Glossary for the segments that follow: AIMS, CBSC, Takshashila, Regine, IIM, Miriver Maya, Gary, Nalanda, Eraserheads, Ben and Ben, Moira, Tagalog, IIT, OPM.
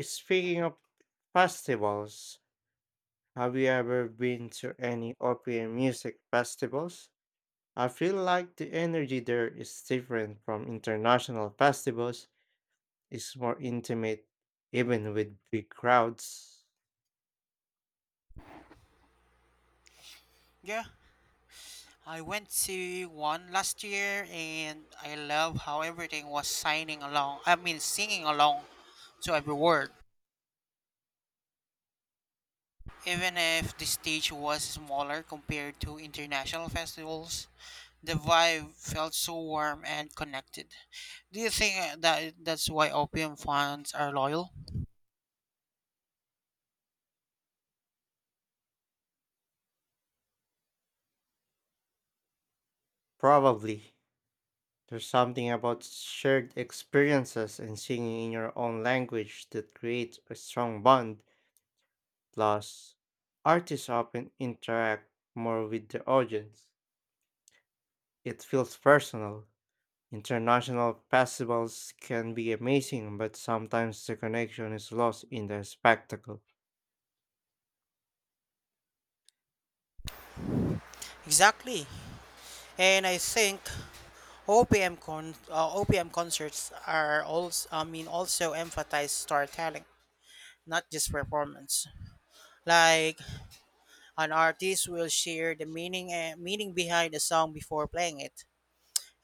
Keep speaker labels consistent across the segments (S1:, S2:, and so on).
S1: Speaking of festivals, have you ever been to any open music festivals? I feel like the energy there is different from international festivals. It's more intimate, even with big crowds.
S2: Yeah, I went to one last year and I love how everything was signing along. I mean, singing along to every word. Even if the stage was smaller compared to international festivals, the vibe felt so warm and connected. Do you think that's why OPM fans are loyal?
S1: Probably. There's something about shared experiences and singing in your own language that creates a strong bond. Plus, artists often interact more with the audience. It feels personal. International festivals can be amazing, but sometimes the connection is lost in the spectacle.
S2: Exactly. And I think OPM concerts are also also emphasize storytelling, not just performance. Like an artist will share the meaning behind the song before playing it.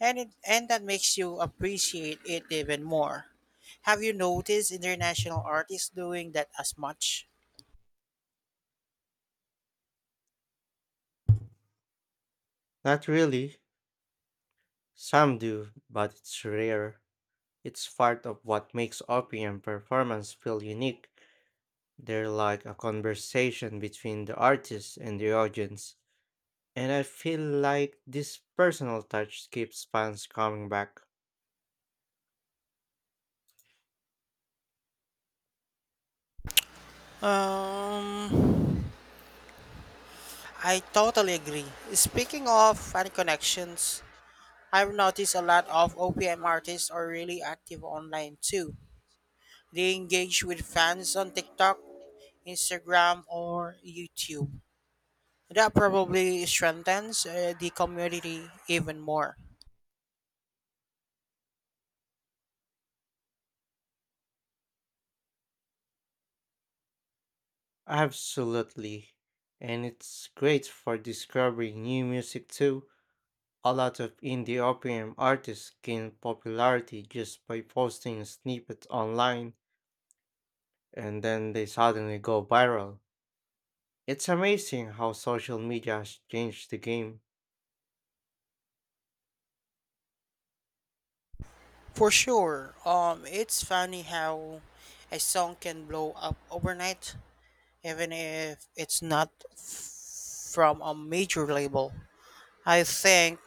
S2: And that makes you appreciate it even more. Have you noticed international artists doing that as much?
S1: Not really. Some do, but it's rare. It's part of what makes OPM performance feel unique. They're like a conversation between the artist and the audience. And I feel like this personal touch keeps fans coming back.
S2: Um, I totally agree. Speaking of fan connections, I've noticed a lot of OPM artists are really active online too. They engage with fans on TikTok, Instagram, or YouTube. That probably strengthens the community even more.
S1: Absolutely. And it's great for discovering new music too. A lot of indie OPM artists gain popularity just by posting snippets online and then they suddenly go viral. It's amazing how social media has changed the game.
S2: For sure. It's funny how a song can blow up overnight, even if it's not from a major label. I think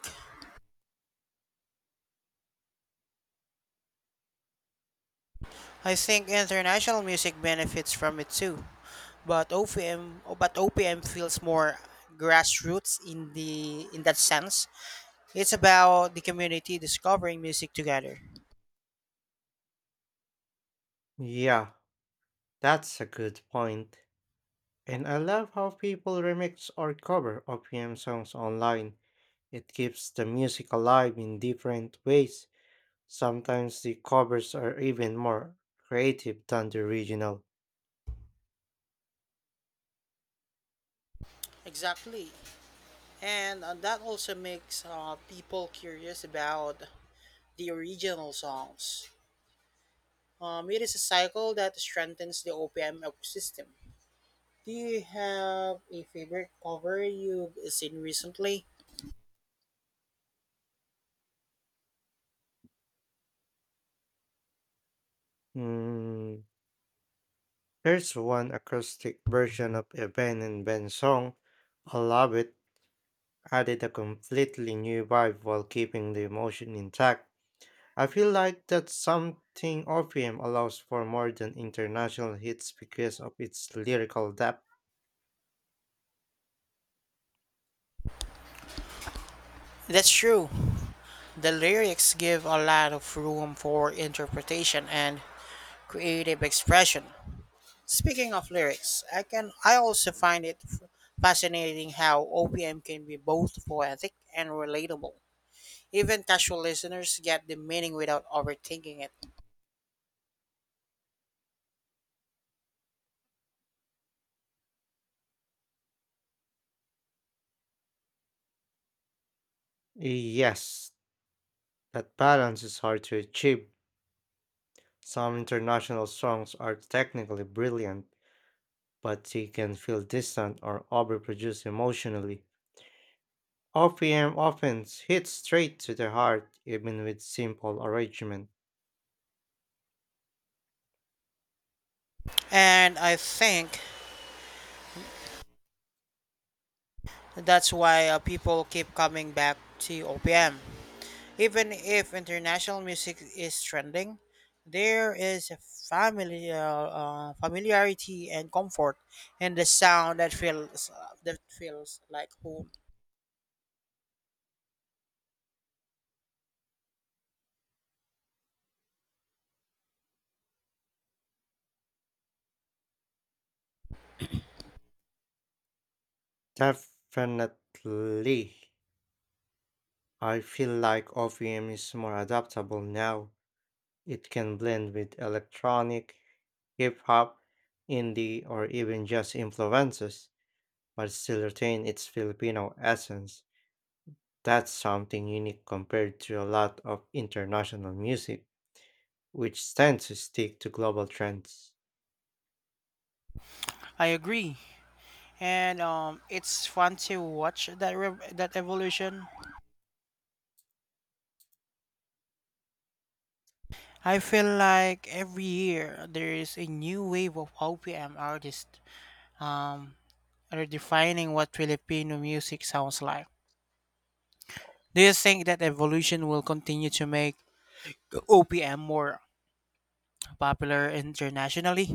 S2: I think international music benefits from it too, but OPM feels more grassroots in the in that sense. It's about the community discovering music together.
S1: Yeah, that's a good point. And I love how people remix or cover OPM songs online. It keeps the music alive in different ways. Sometimes the covers are even more creative than the original.
S2: Exactly. And that also makes people curious about the original songs. It is a cycle that strengthens the OPM ecosystem. Do you have a favorite cover you've seen recently?
S1: Hmm. Here's one acoustic version of a Ben and Ben song. I love it. Added a completely new vibe while keeping the emotion intact. I feel like that something OPM allows for more than international hits because of its lyrical depth.
S2: That's true. The lyrics give a lot of room for interpretation and creative expression. Speaking of lyrics, I also find it fascinating how OPM can be both poetic and relatable. Even casual listeners get the meaning without overthinking it.
S1: Yes, that balance is hard to achieve. Some international songs are technically brilliant, but they can feel distant or overproduced emotionally. OPM often hits straight to the heart, even with simple arrangement.
S2: And I think that's why people keep coming back to OPM. Even if international music is trending, there is a familiarity and comfort in the sound that feels like home.
S1: Definitely, I feel like OPM is more adaptable now. It can blend with electronic, hip hop, indie, or even just influences, but still retain its Filipino essence. That's something unique compared to a lot of international music, which tends to stick to global trends.
S2: I agree, and it's fun to watch that evolution. I feel like every year there is a new wave of OPM artists um, redefining what Filipino music sounds like. Do you think that evolution will continue to make OPM more popular internationally?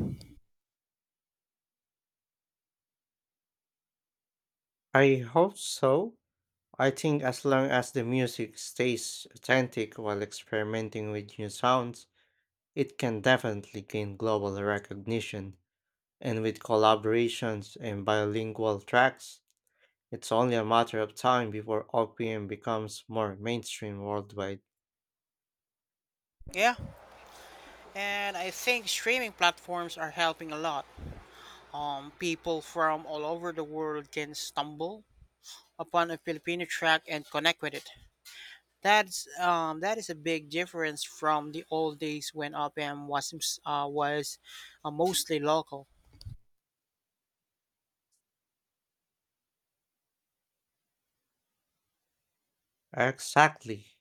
S1: I hope so. I think as long as the music stays authentic while experimenting with new sounds, it can definitely gain global recognition. And with collaborations and bilingual tracks, it's only a matter of time before OPM becomes more mainstream worldwide.
S2: Yeah, and I think streaming platforms are helping a lot. People from all over the world can stumble upon a Filipino track and connect with it. That is a big difference from the old days when OPM was mostly local.
S1: Exactly.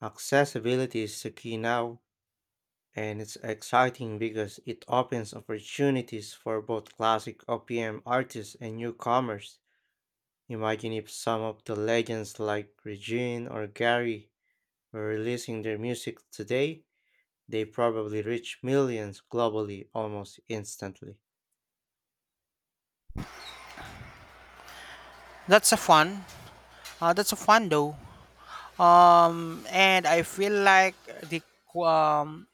S1: Accessibility is the key now, and it's exciting because it opens opportunities for both classic OPM artists and newcomers. Imagine if some of the legends like Regine or Gary were releasing their music today, they probably reach millions globally almost instantly.
S2: That's a fun. That's a fun though. And I feel like the um,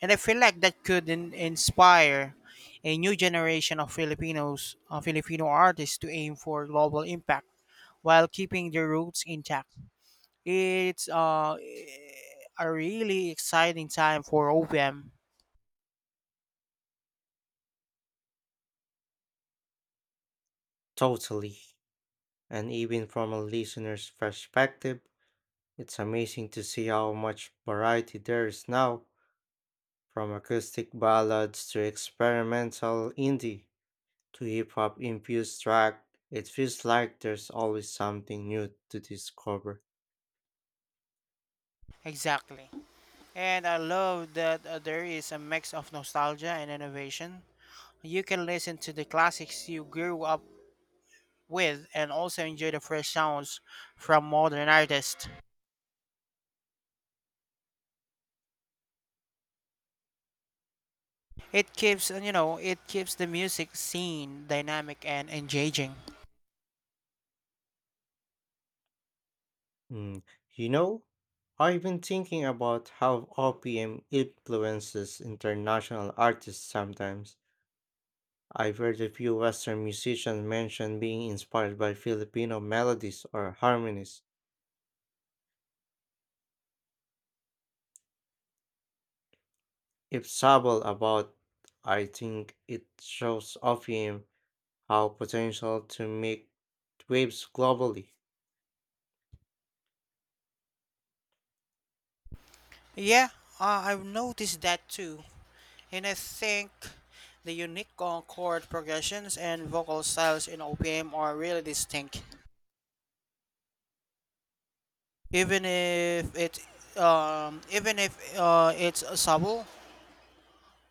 S2: and I feel like that could inspire a new generation of Filipino artists, to aim for global impact while keeping their roots intact. It's a really exciting time for OPM.
S1: Totally. And even from a listener's perspective, it's amazing to see how much variety there is now, from acoustic ballads to experimental indie to hip hop infused track. It feels like there's always something new to discover.
S2: Exactly. And I love that there is a mix of nostalgia and innovation. You can listen to the classics you grew up with and also enjoy the fresh sounds from modern artists. It it keeps the music scene dynamic and engaging.
S1: Mm, you know, I've been thinking about how OPM influences international artists sometimes. I've heard a few Western musicians mention being inspired by Filipino melodies or harmonies. If Sabal about, I think it shows OPM how potential to make waves globally.
S2: Yeah, I've noticed that too. And I think the unique chord progressions and vocal styles in OPM are really distinct. even if it Even if it's a sabo,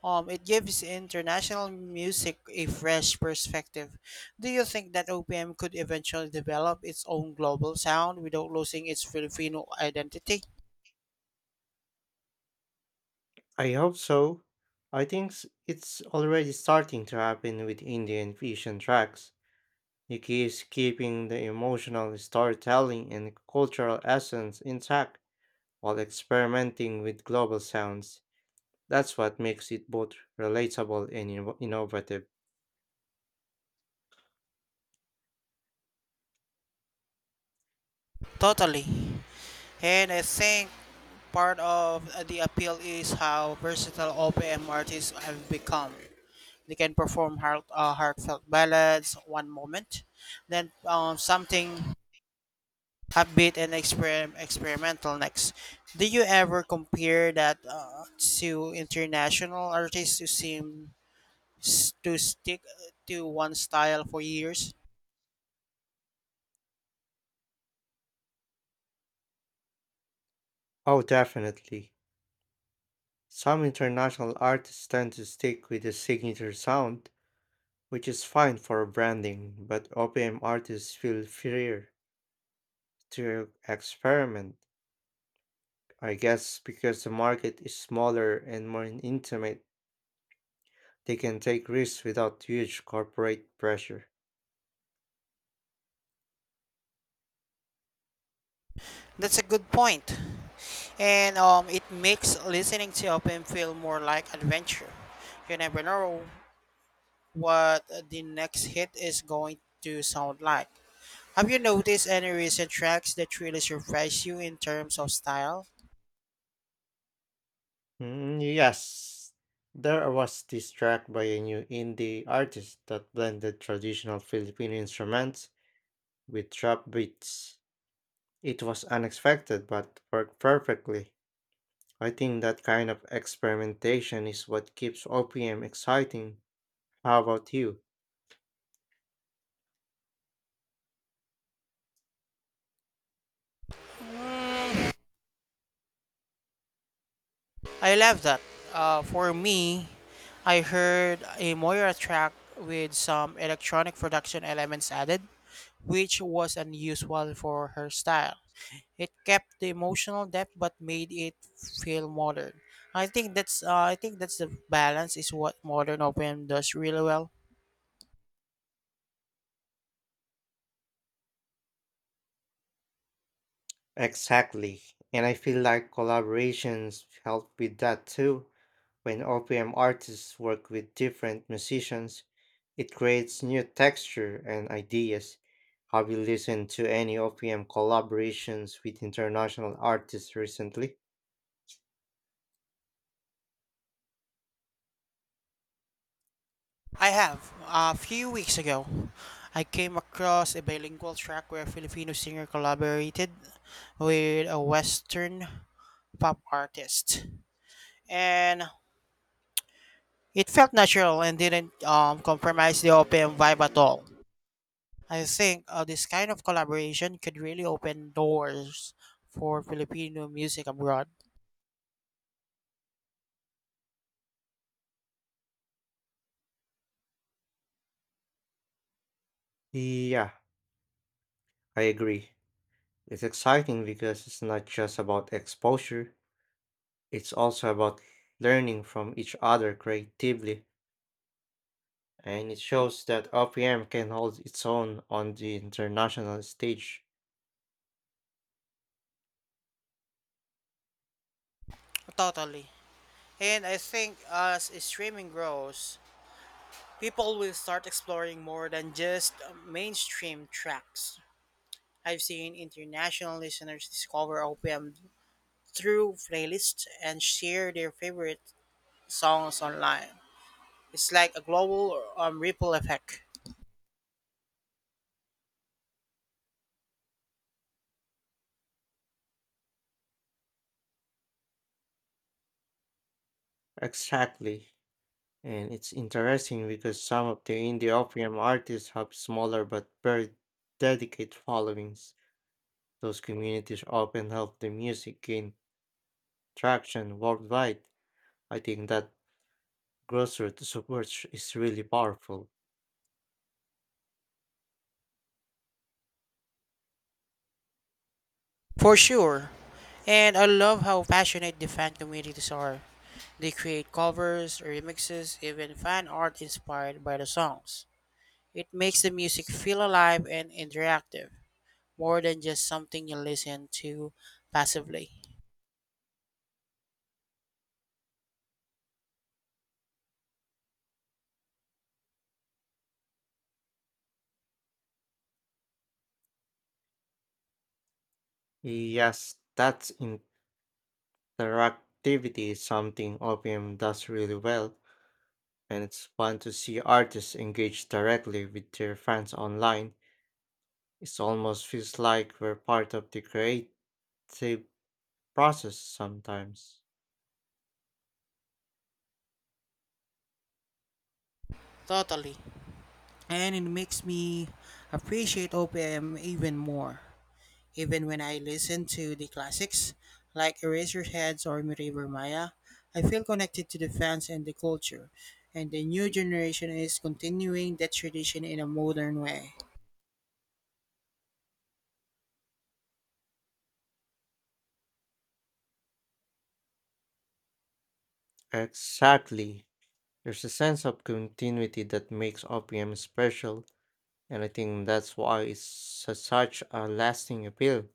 S2: it gives international music a fresh perspective. Do you think that OPM could eventually develop its own global sound without losing its Filipino identity?
S1: I hope so. It's already starting to happen with Indian fusion tracks. The key is keeping the emotional storytelling and cultural essence intact while experimenting with global sounds. That's what makes it both relatable and innovative.
S2: Totally. And I think part of the appeal is how versatile OPM artists have become. They can perform heartfelt ballads one moment, then something upbeat and experimental next. Do you ever compare that to international artists who seem to stick to one style for years?
S1: Oh, definitely. Some international artists tend to stick with a signature sound, which is fine for branding, but OPM artists feel freer to experiment, I guess because the market is smaller and more intimate. They can take risks without huge corporate pressure.
S2: That's a good point, and it makes listening to open feel more like adventure. You never know what the next hit is going to sound like. Have you noticed any recent tracks that really surprise you in terms of style?
S1: Mm, yes, there was this track by a new indie artist that blended traditional Philippine instruments with trap beats. It was unexpected but worked perfectly. I think that kind of experimentation is what keeps OPM exciting. How about you?
S2: I love that. For me, I heard a Moira track with some electronic production elements added, which was unusual for her style. It kept the emotional depth but made it feel modern. I think that's the balance is what modern OPM does really well.
S1: Exactly. And I feel like collaborations help with that too. When OPM artists work with different musicians, it creates new texture and ideas. Have you listened to any OPM collaborations with international artists recently?
S2: I have a few weeks ago, I came across a bilingual track where a Filipino singer collaborated with a Western pop artist. And it felt natural and didn't compromise the open vibe at all. I think this kind of collaboration could really open doors for Filipino music abroad.
S1: Yeah, I agree. It's exciting because it's not just about exposure, it's also about learning from each other creatively. And it shows that OPM can hold its own on the international stage.
S2: Totally. And I think as streaming grows, people will start exploring more than just mainstream tracks. I've seen international listeners discover OPM through playlists and share their favorite songs online. It's like a global ripple effect.
S1: Exactly. And it's interesting because some of the indie OPM artists have smaller but very dedicated followings. Those communities often help the music gain traction worldwide. I think that grassroots support is really powerful.
S2: For sure. And I love how passionate the fan communities are. They create covers, remixes, even fan art inspired by the songs. It makes the music feel alive and interactive, more than just something you listen to passively.
S1: Yes, that interactivity is something OPM does really well, and it's fun to see artists engage directly with their fans online. It almost feels like we're part of the creative process sometimes.
S2: Totally. And it makes me appreciate OPM even more. Even when I listen to the classics, like Eraserheads or Miriver Maya, I feel connected to the fans and the culture, and the new generation is continuing that tradition in a modern way.
S1: Exactly. There's a sense of continuity that makes OPM special, and I think that's why such a lasting appeal,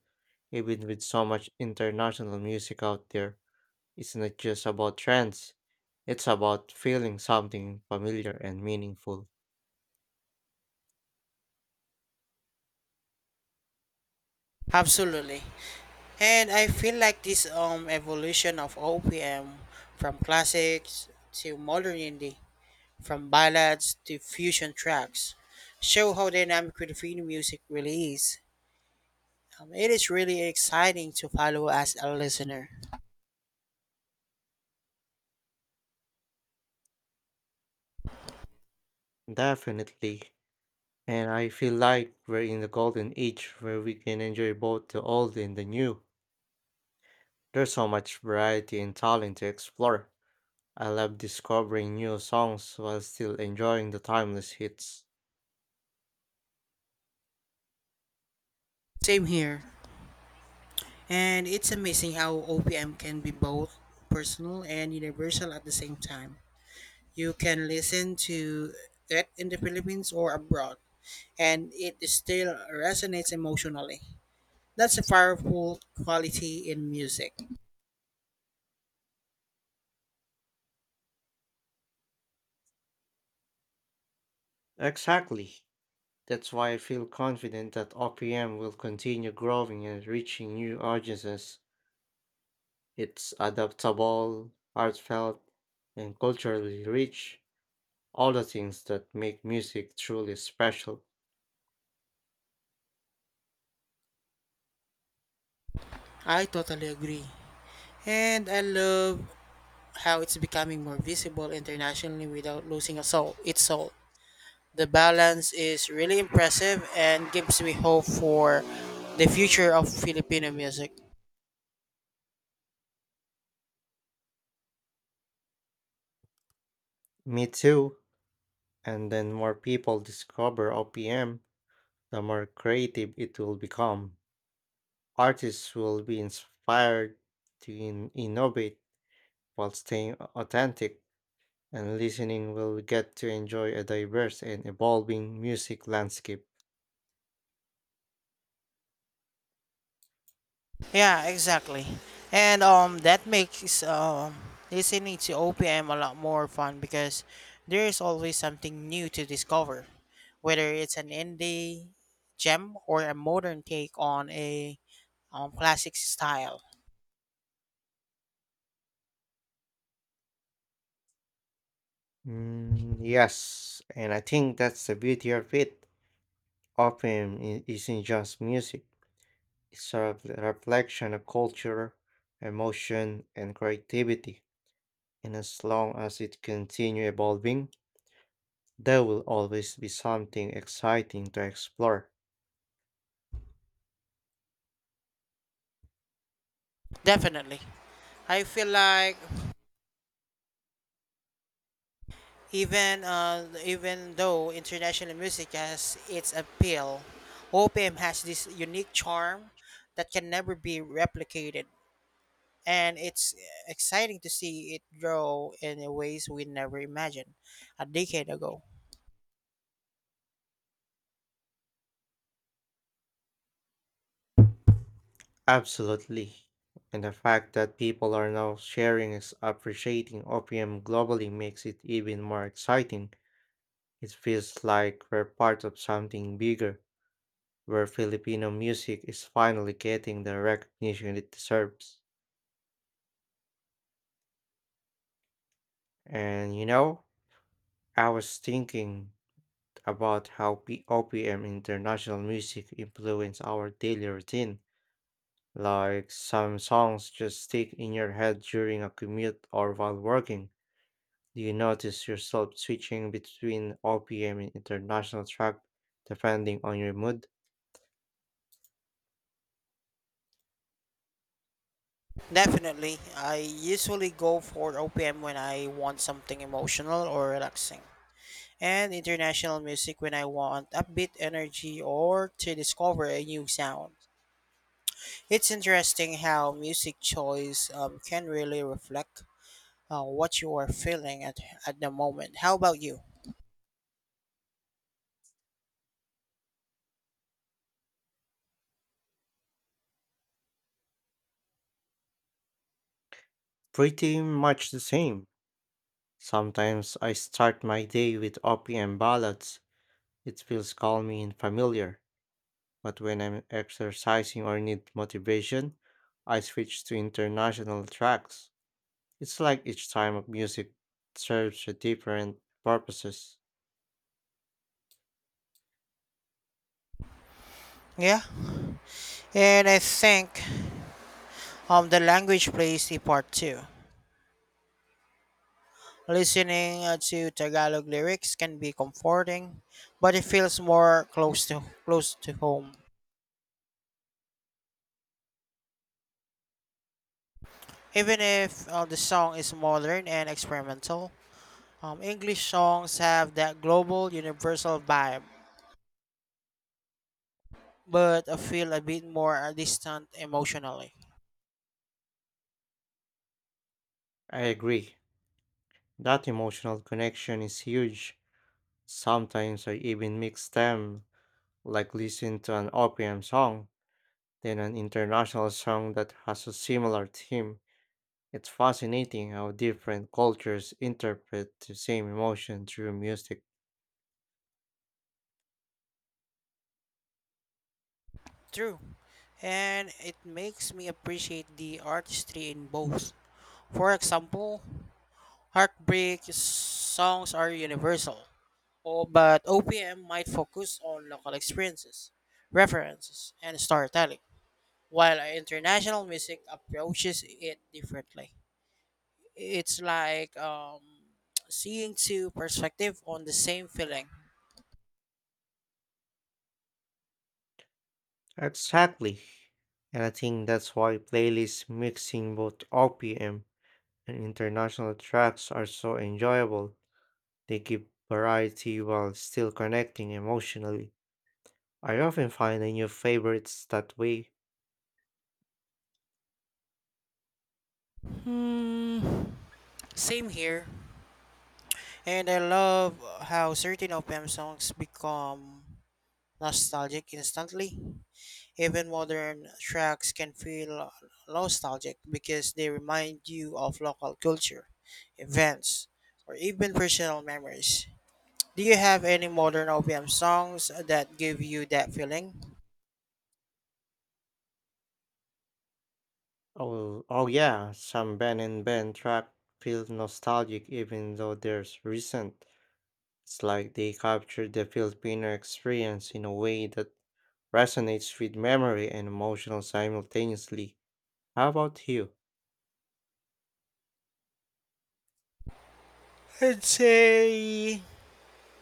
S1: even with so much international music out there. It's not just about trends, it's about feeling something familiar and meaningful.
S2: Absolutely. And I feel like this evolution of OPM from classics to modern indie, from ballads to fusion tracks, show how dynamic Filipino music really is. It is really exciting to follow as a listener.
S1: Definitely. And I feel like we're in the golden age where we can enjoy both the old and the new. There's so much variety and talent to explore. I love discovering new songs while still enjoying the timeless hits.
S2: Same here. And it's amazing how OPM can be both personal and universal at the same time. You can listen to it in the Philippines or abroad, and it still resonates emotionally. That's a powerful quality in music.
S1: Exactly. That's why I feel confident that OPM will continue growing and reaching new audiences. It's adaptable, heartfelt, and culturally rich, all the things that make music truly special.
S2: I totally agree. And I love how it's becoming more visible internationally without losing its soul. The balance is really impressive and gives me hope for the future of Filipino music.
S1: Me too. And then more people discover OPM, the more creative it will become. Artists will be inspired to innovate while staying authentic and listening will get to enjoy a diverse and evolving music landscape.
S2: Yeah, exactly. And that makes listening to OPM a lot more fun because there is always something new to discover, whether it's an indie gem or a modern take on a classic style.
S1: Mm, yes, and I think that's the beauty of it. Often it isn't just music, it's a reflection of culture, emotion, and creativity. And as long as it continues evolving, there will always be something exciting to explore.
S2: Definitely. I feel like even though international music has its appeal, OPM has this unique charm that can never be replicated. And it's exciting to see it grow in ways we never imagined a decade ago.
S1: Absolutely. And the fact that people are now sharing and appreciating opium globally makes it even more exciting. It feels like we're part of something bigger, where Filipino music is finally getting the recognition it deserves. And you know, I was thinking about how OPM international music influence our daily routine. Like some songs just stick in your head during a commute or while working. Do you notice yourself switching between OPM and international track depending on your mood?
S2: Definitely, I usually go for OPM when I want something emotional or relaxing, and international music when I want upbeat energy or to discover a new sound. It's interesting how music choice can really reflect what you are feeling at the moment. How about you?
S1: Pretty much the same. Sometimes I start my day with OPM ballads. It feels calming and familiar. But when I'm exercising or need motivation, I switch to international tracks. It's like each time of music serves a different purposes.
S2: Yeah, and I think the language plays a part too. Listening to Tagalog lyrics can be comforting, but it feels more close to home. Even if the song is modern and experimental, English songs have that global, universal vibe, but feel a bit more distant emotionally.
S1: I agree. That emotional connection is huge. Sometimes I even mix them like listen to an OPM song, then an international song that has a similar theme. It's fascinating how different cultures interpret the same emotion through music.
S2: True, and it makes me appreciate the artistry in both. For example, heartbreak songs are universal, oh, but OPM might focus on local experiences, references, and storytelling, while international music approaches it differently. It's like seeing two perspectives on the same feeling.
S1: Exactly. And I think that's why playlists mixing both OPM and international tracks are so enjoyable. They give variety while still connecting emotionally. I often find a new favorites that way.
S2: Hmm. Same here. And I love how certain OPM songs become nostalgic instantly. Even modern tracks can feel nostalgic because they remind you of local culture, events, or even personal memories. Do you have any modern OPM songs that give you that feeling?
S1: Oh, oh yeah, some Ben and Ben track feel nostalgic even though they're recent. It's like they captured the Filipino experience in a way that resonates with memory and emotional simultaneously. How about you?
S2: I'd say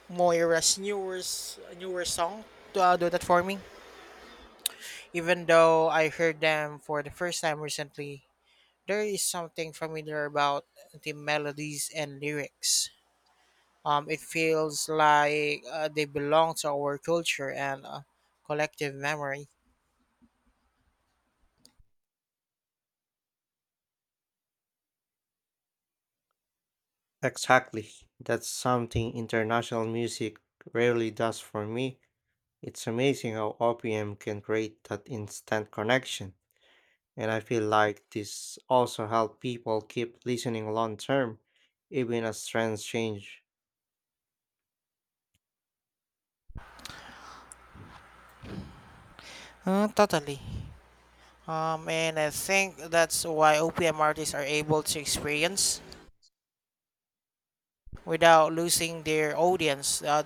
S2: Moira's newest newer song to do that for me. Even though I heard them for the first time recently, there is something familiar about the melodies and lyrics. It feels like they belong to our culture and collective memory.
S1: Exactly. That's something international music rarely does for me. It's amazing how OPM can create that instant connection. And I feel like this also help people keep listening long term, even as trends change.
S2: Totally. And I think that's why OPM artists are able to experience without losing their audience.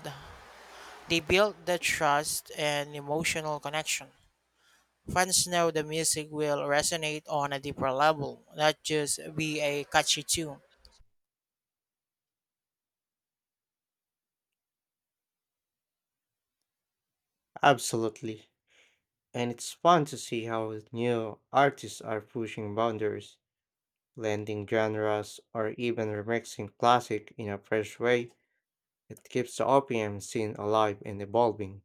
S2: They build the trust and emotional connection. Fans know the music will resonate on a deeper level, not just be a catchy tune.
S1: Absolutely. And it's fun to see how new artists are pushing boundaries, blending genres, or even remixing classic in a fresh way. It keeps the OPM scene alive and evolving.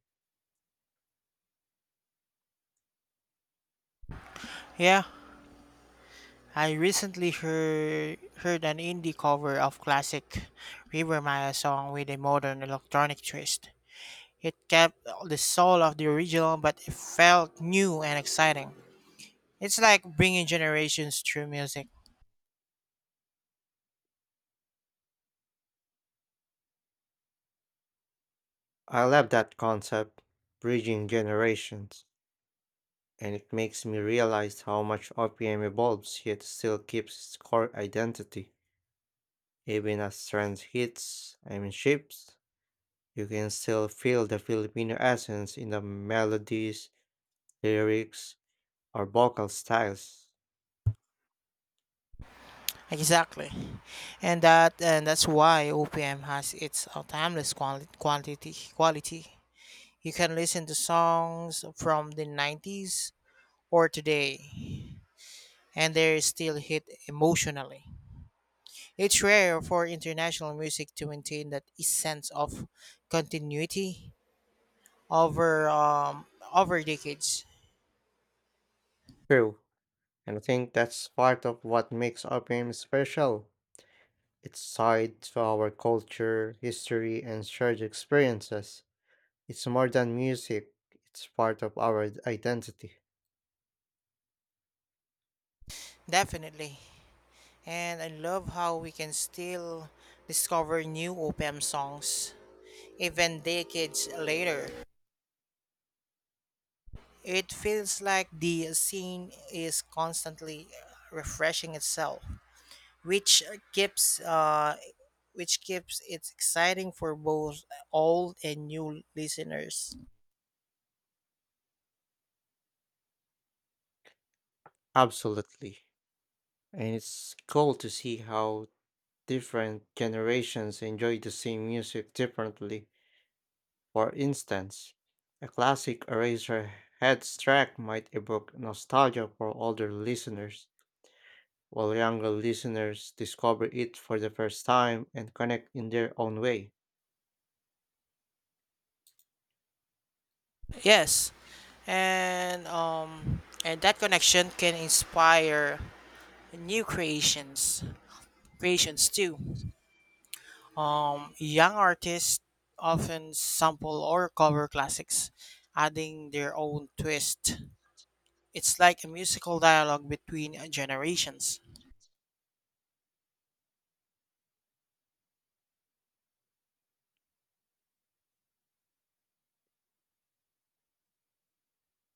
S2: Yeah, I recently heard an indie cover of classic River Maya song with a modern electronic twist. It kept the soul of the original, but it felt new and exciting. It's like bringing generations through music.
S1: I love that concept, bridging generations, and it makes me realize how much OPM evolves yet still keeps its core identity. Even as trends hits, I mean shifts, you can still feel the Filipino essence in the melodies, lyrics, or vocal styles.
S2: Exactly, and that's why OPM has its timeless quali- quantity quality. You can listen to songs from the '90s or today, and they still hit emotionally. It's rare for international music to maintain that sense of continuity over um, over decades.
S1: True, and I think that's part of what makes OPM special. It's tied to our culture, history, and shared experiences. It's more than music, it's part of identity.
S2: Definitely. And I love how we can still discover new OPM songs even decades later. It feels like the scene is constantly refreshing itself, which keeps uh, keeps it exciting for both old and new listeners.
S1: Absolutely. And it's cool to see how different generations enjoy the same music differently. For instance, a classic eraser head track might evoke nostalgia for older listeners, while younger listeners discover it for the first time and connect in their own way.
S2: Yes, and that connection can inspire new creations, creations too. Young artists often sample or cover classics, adding their own twist. It's like a musical dialogue between generations.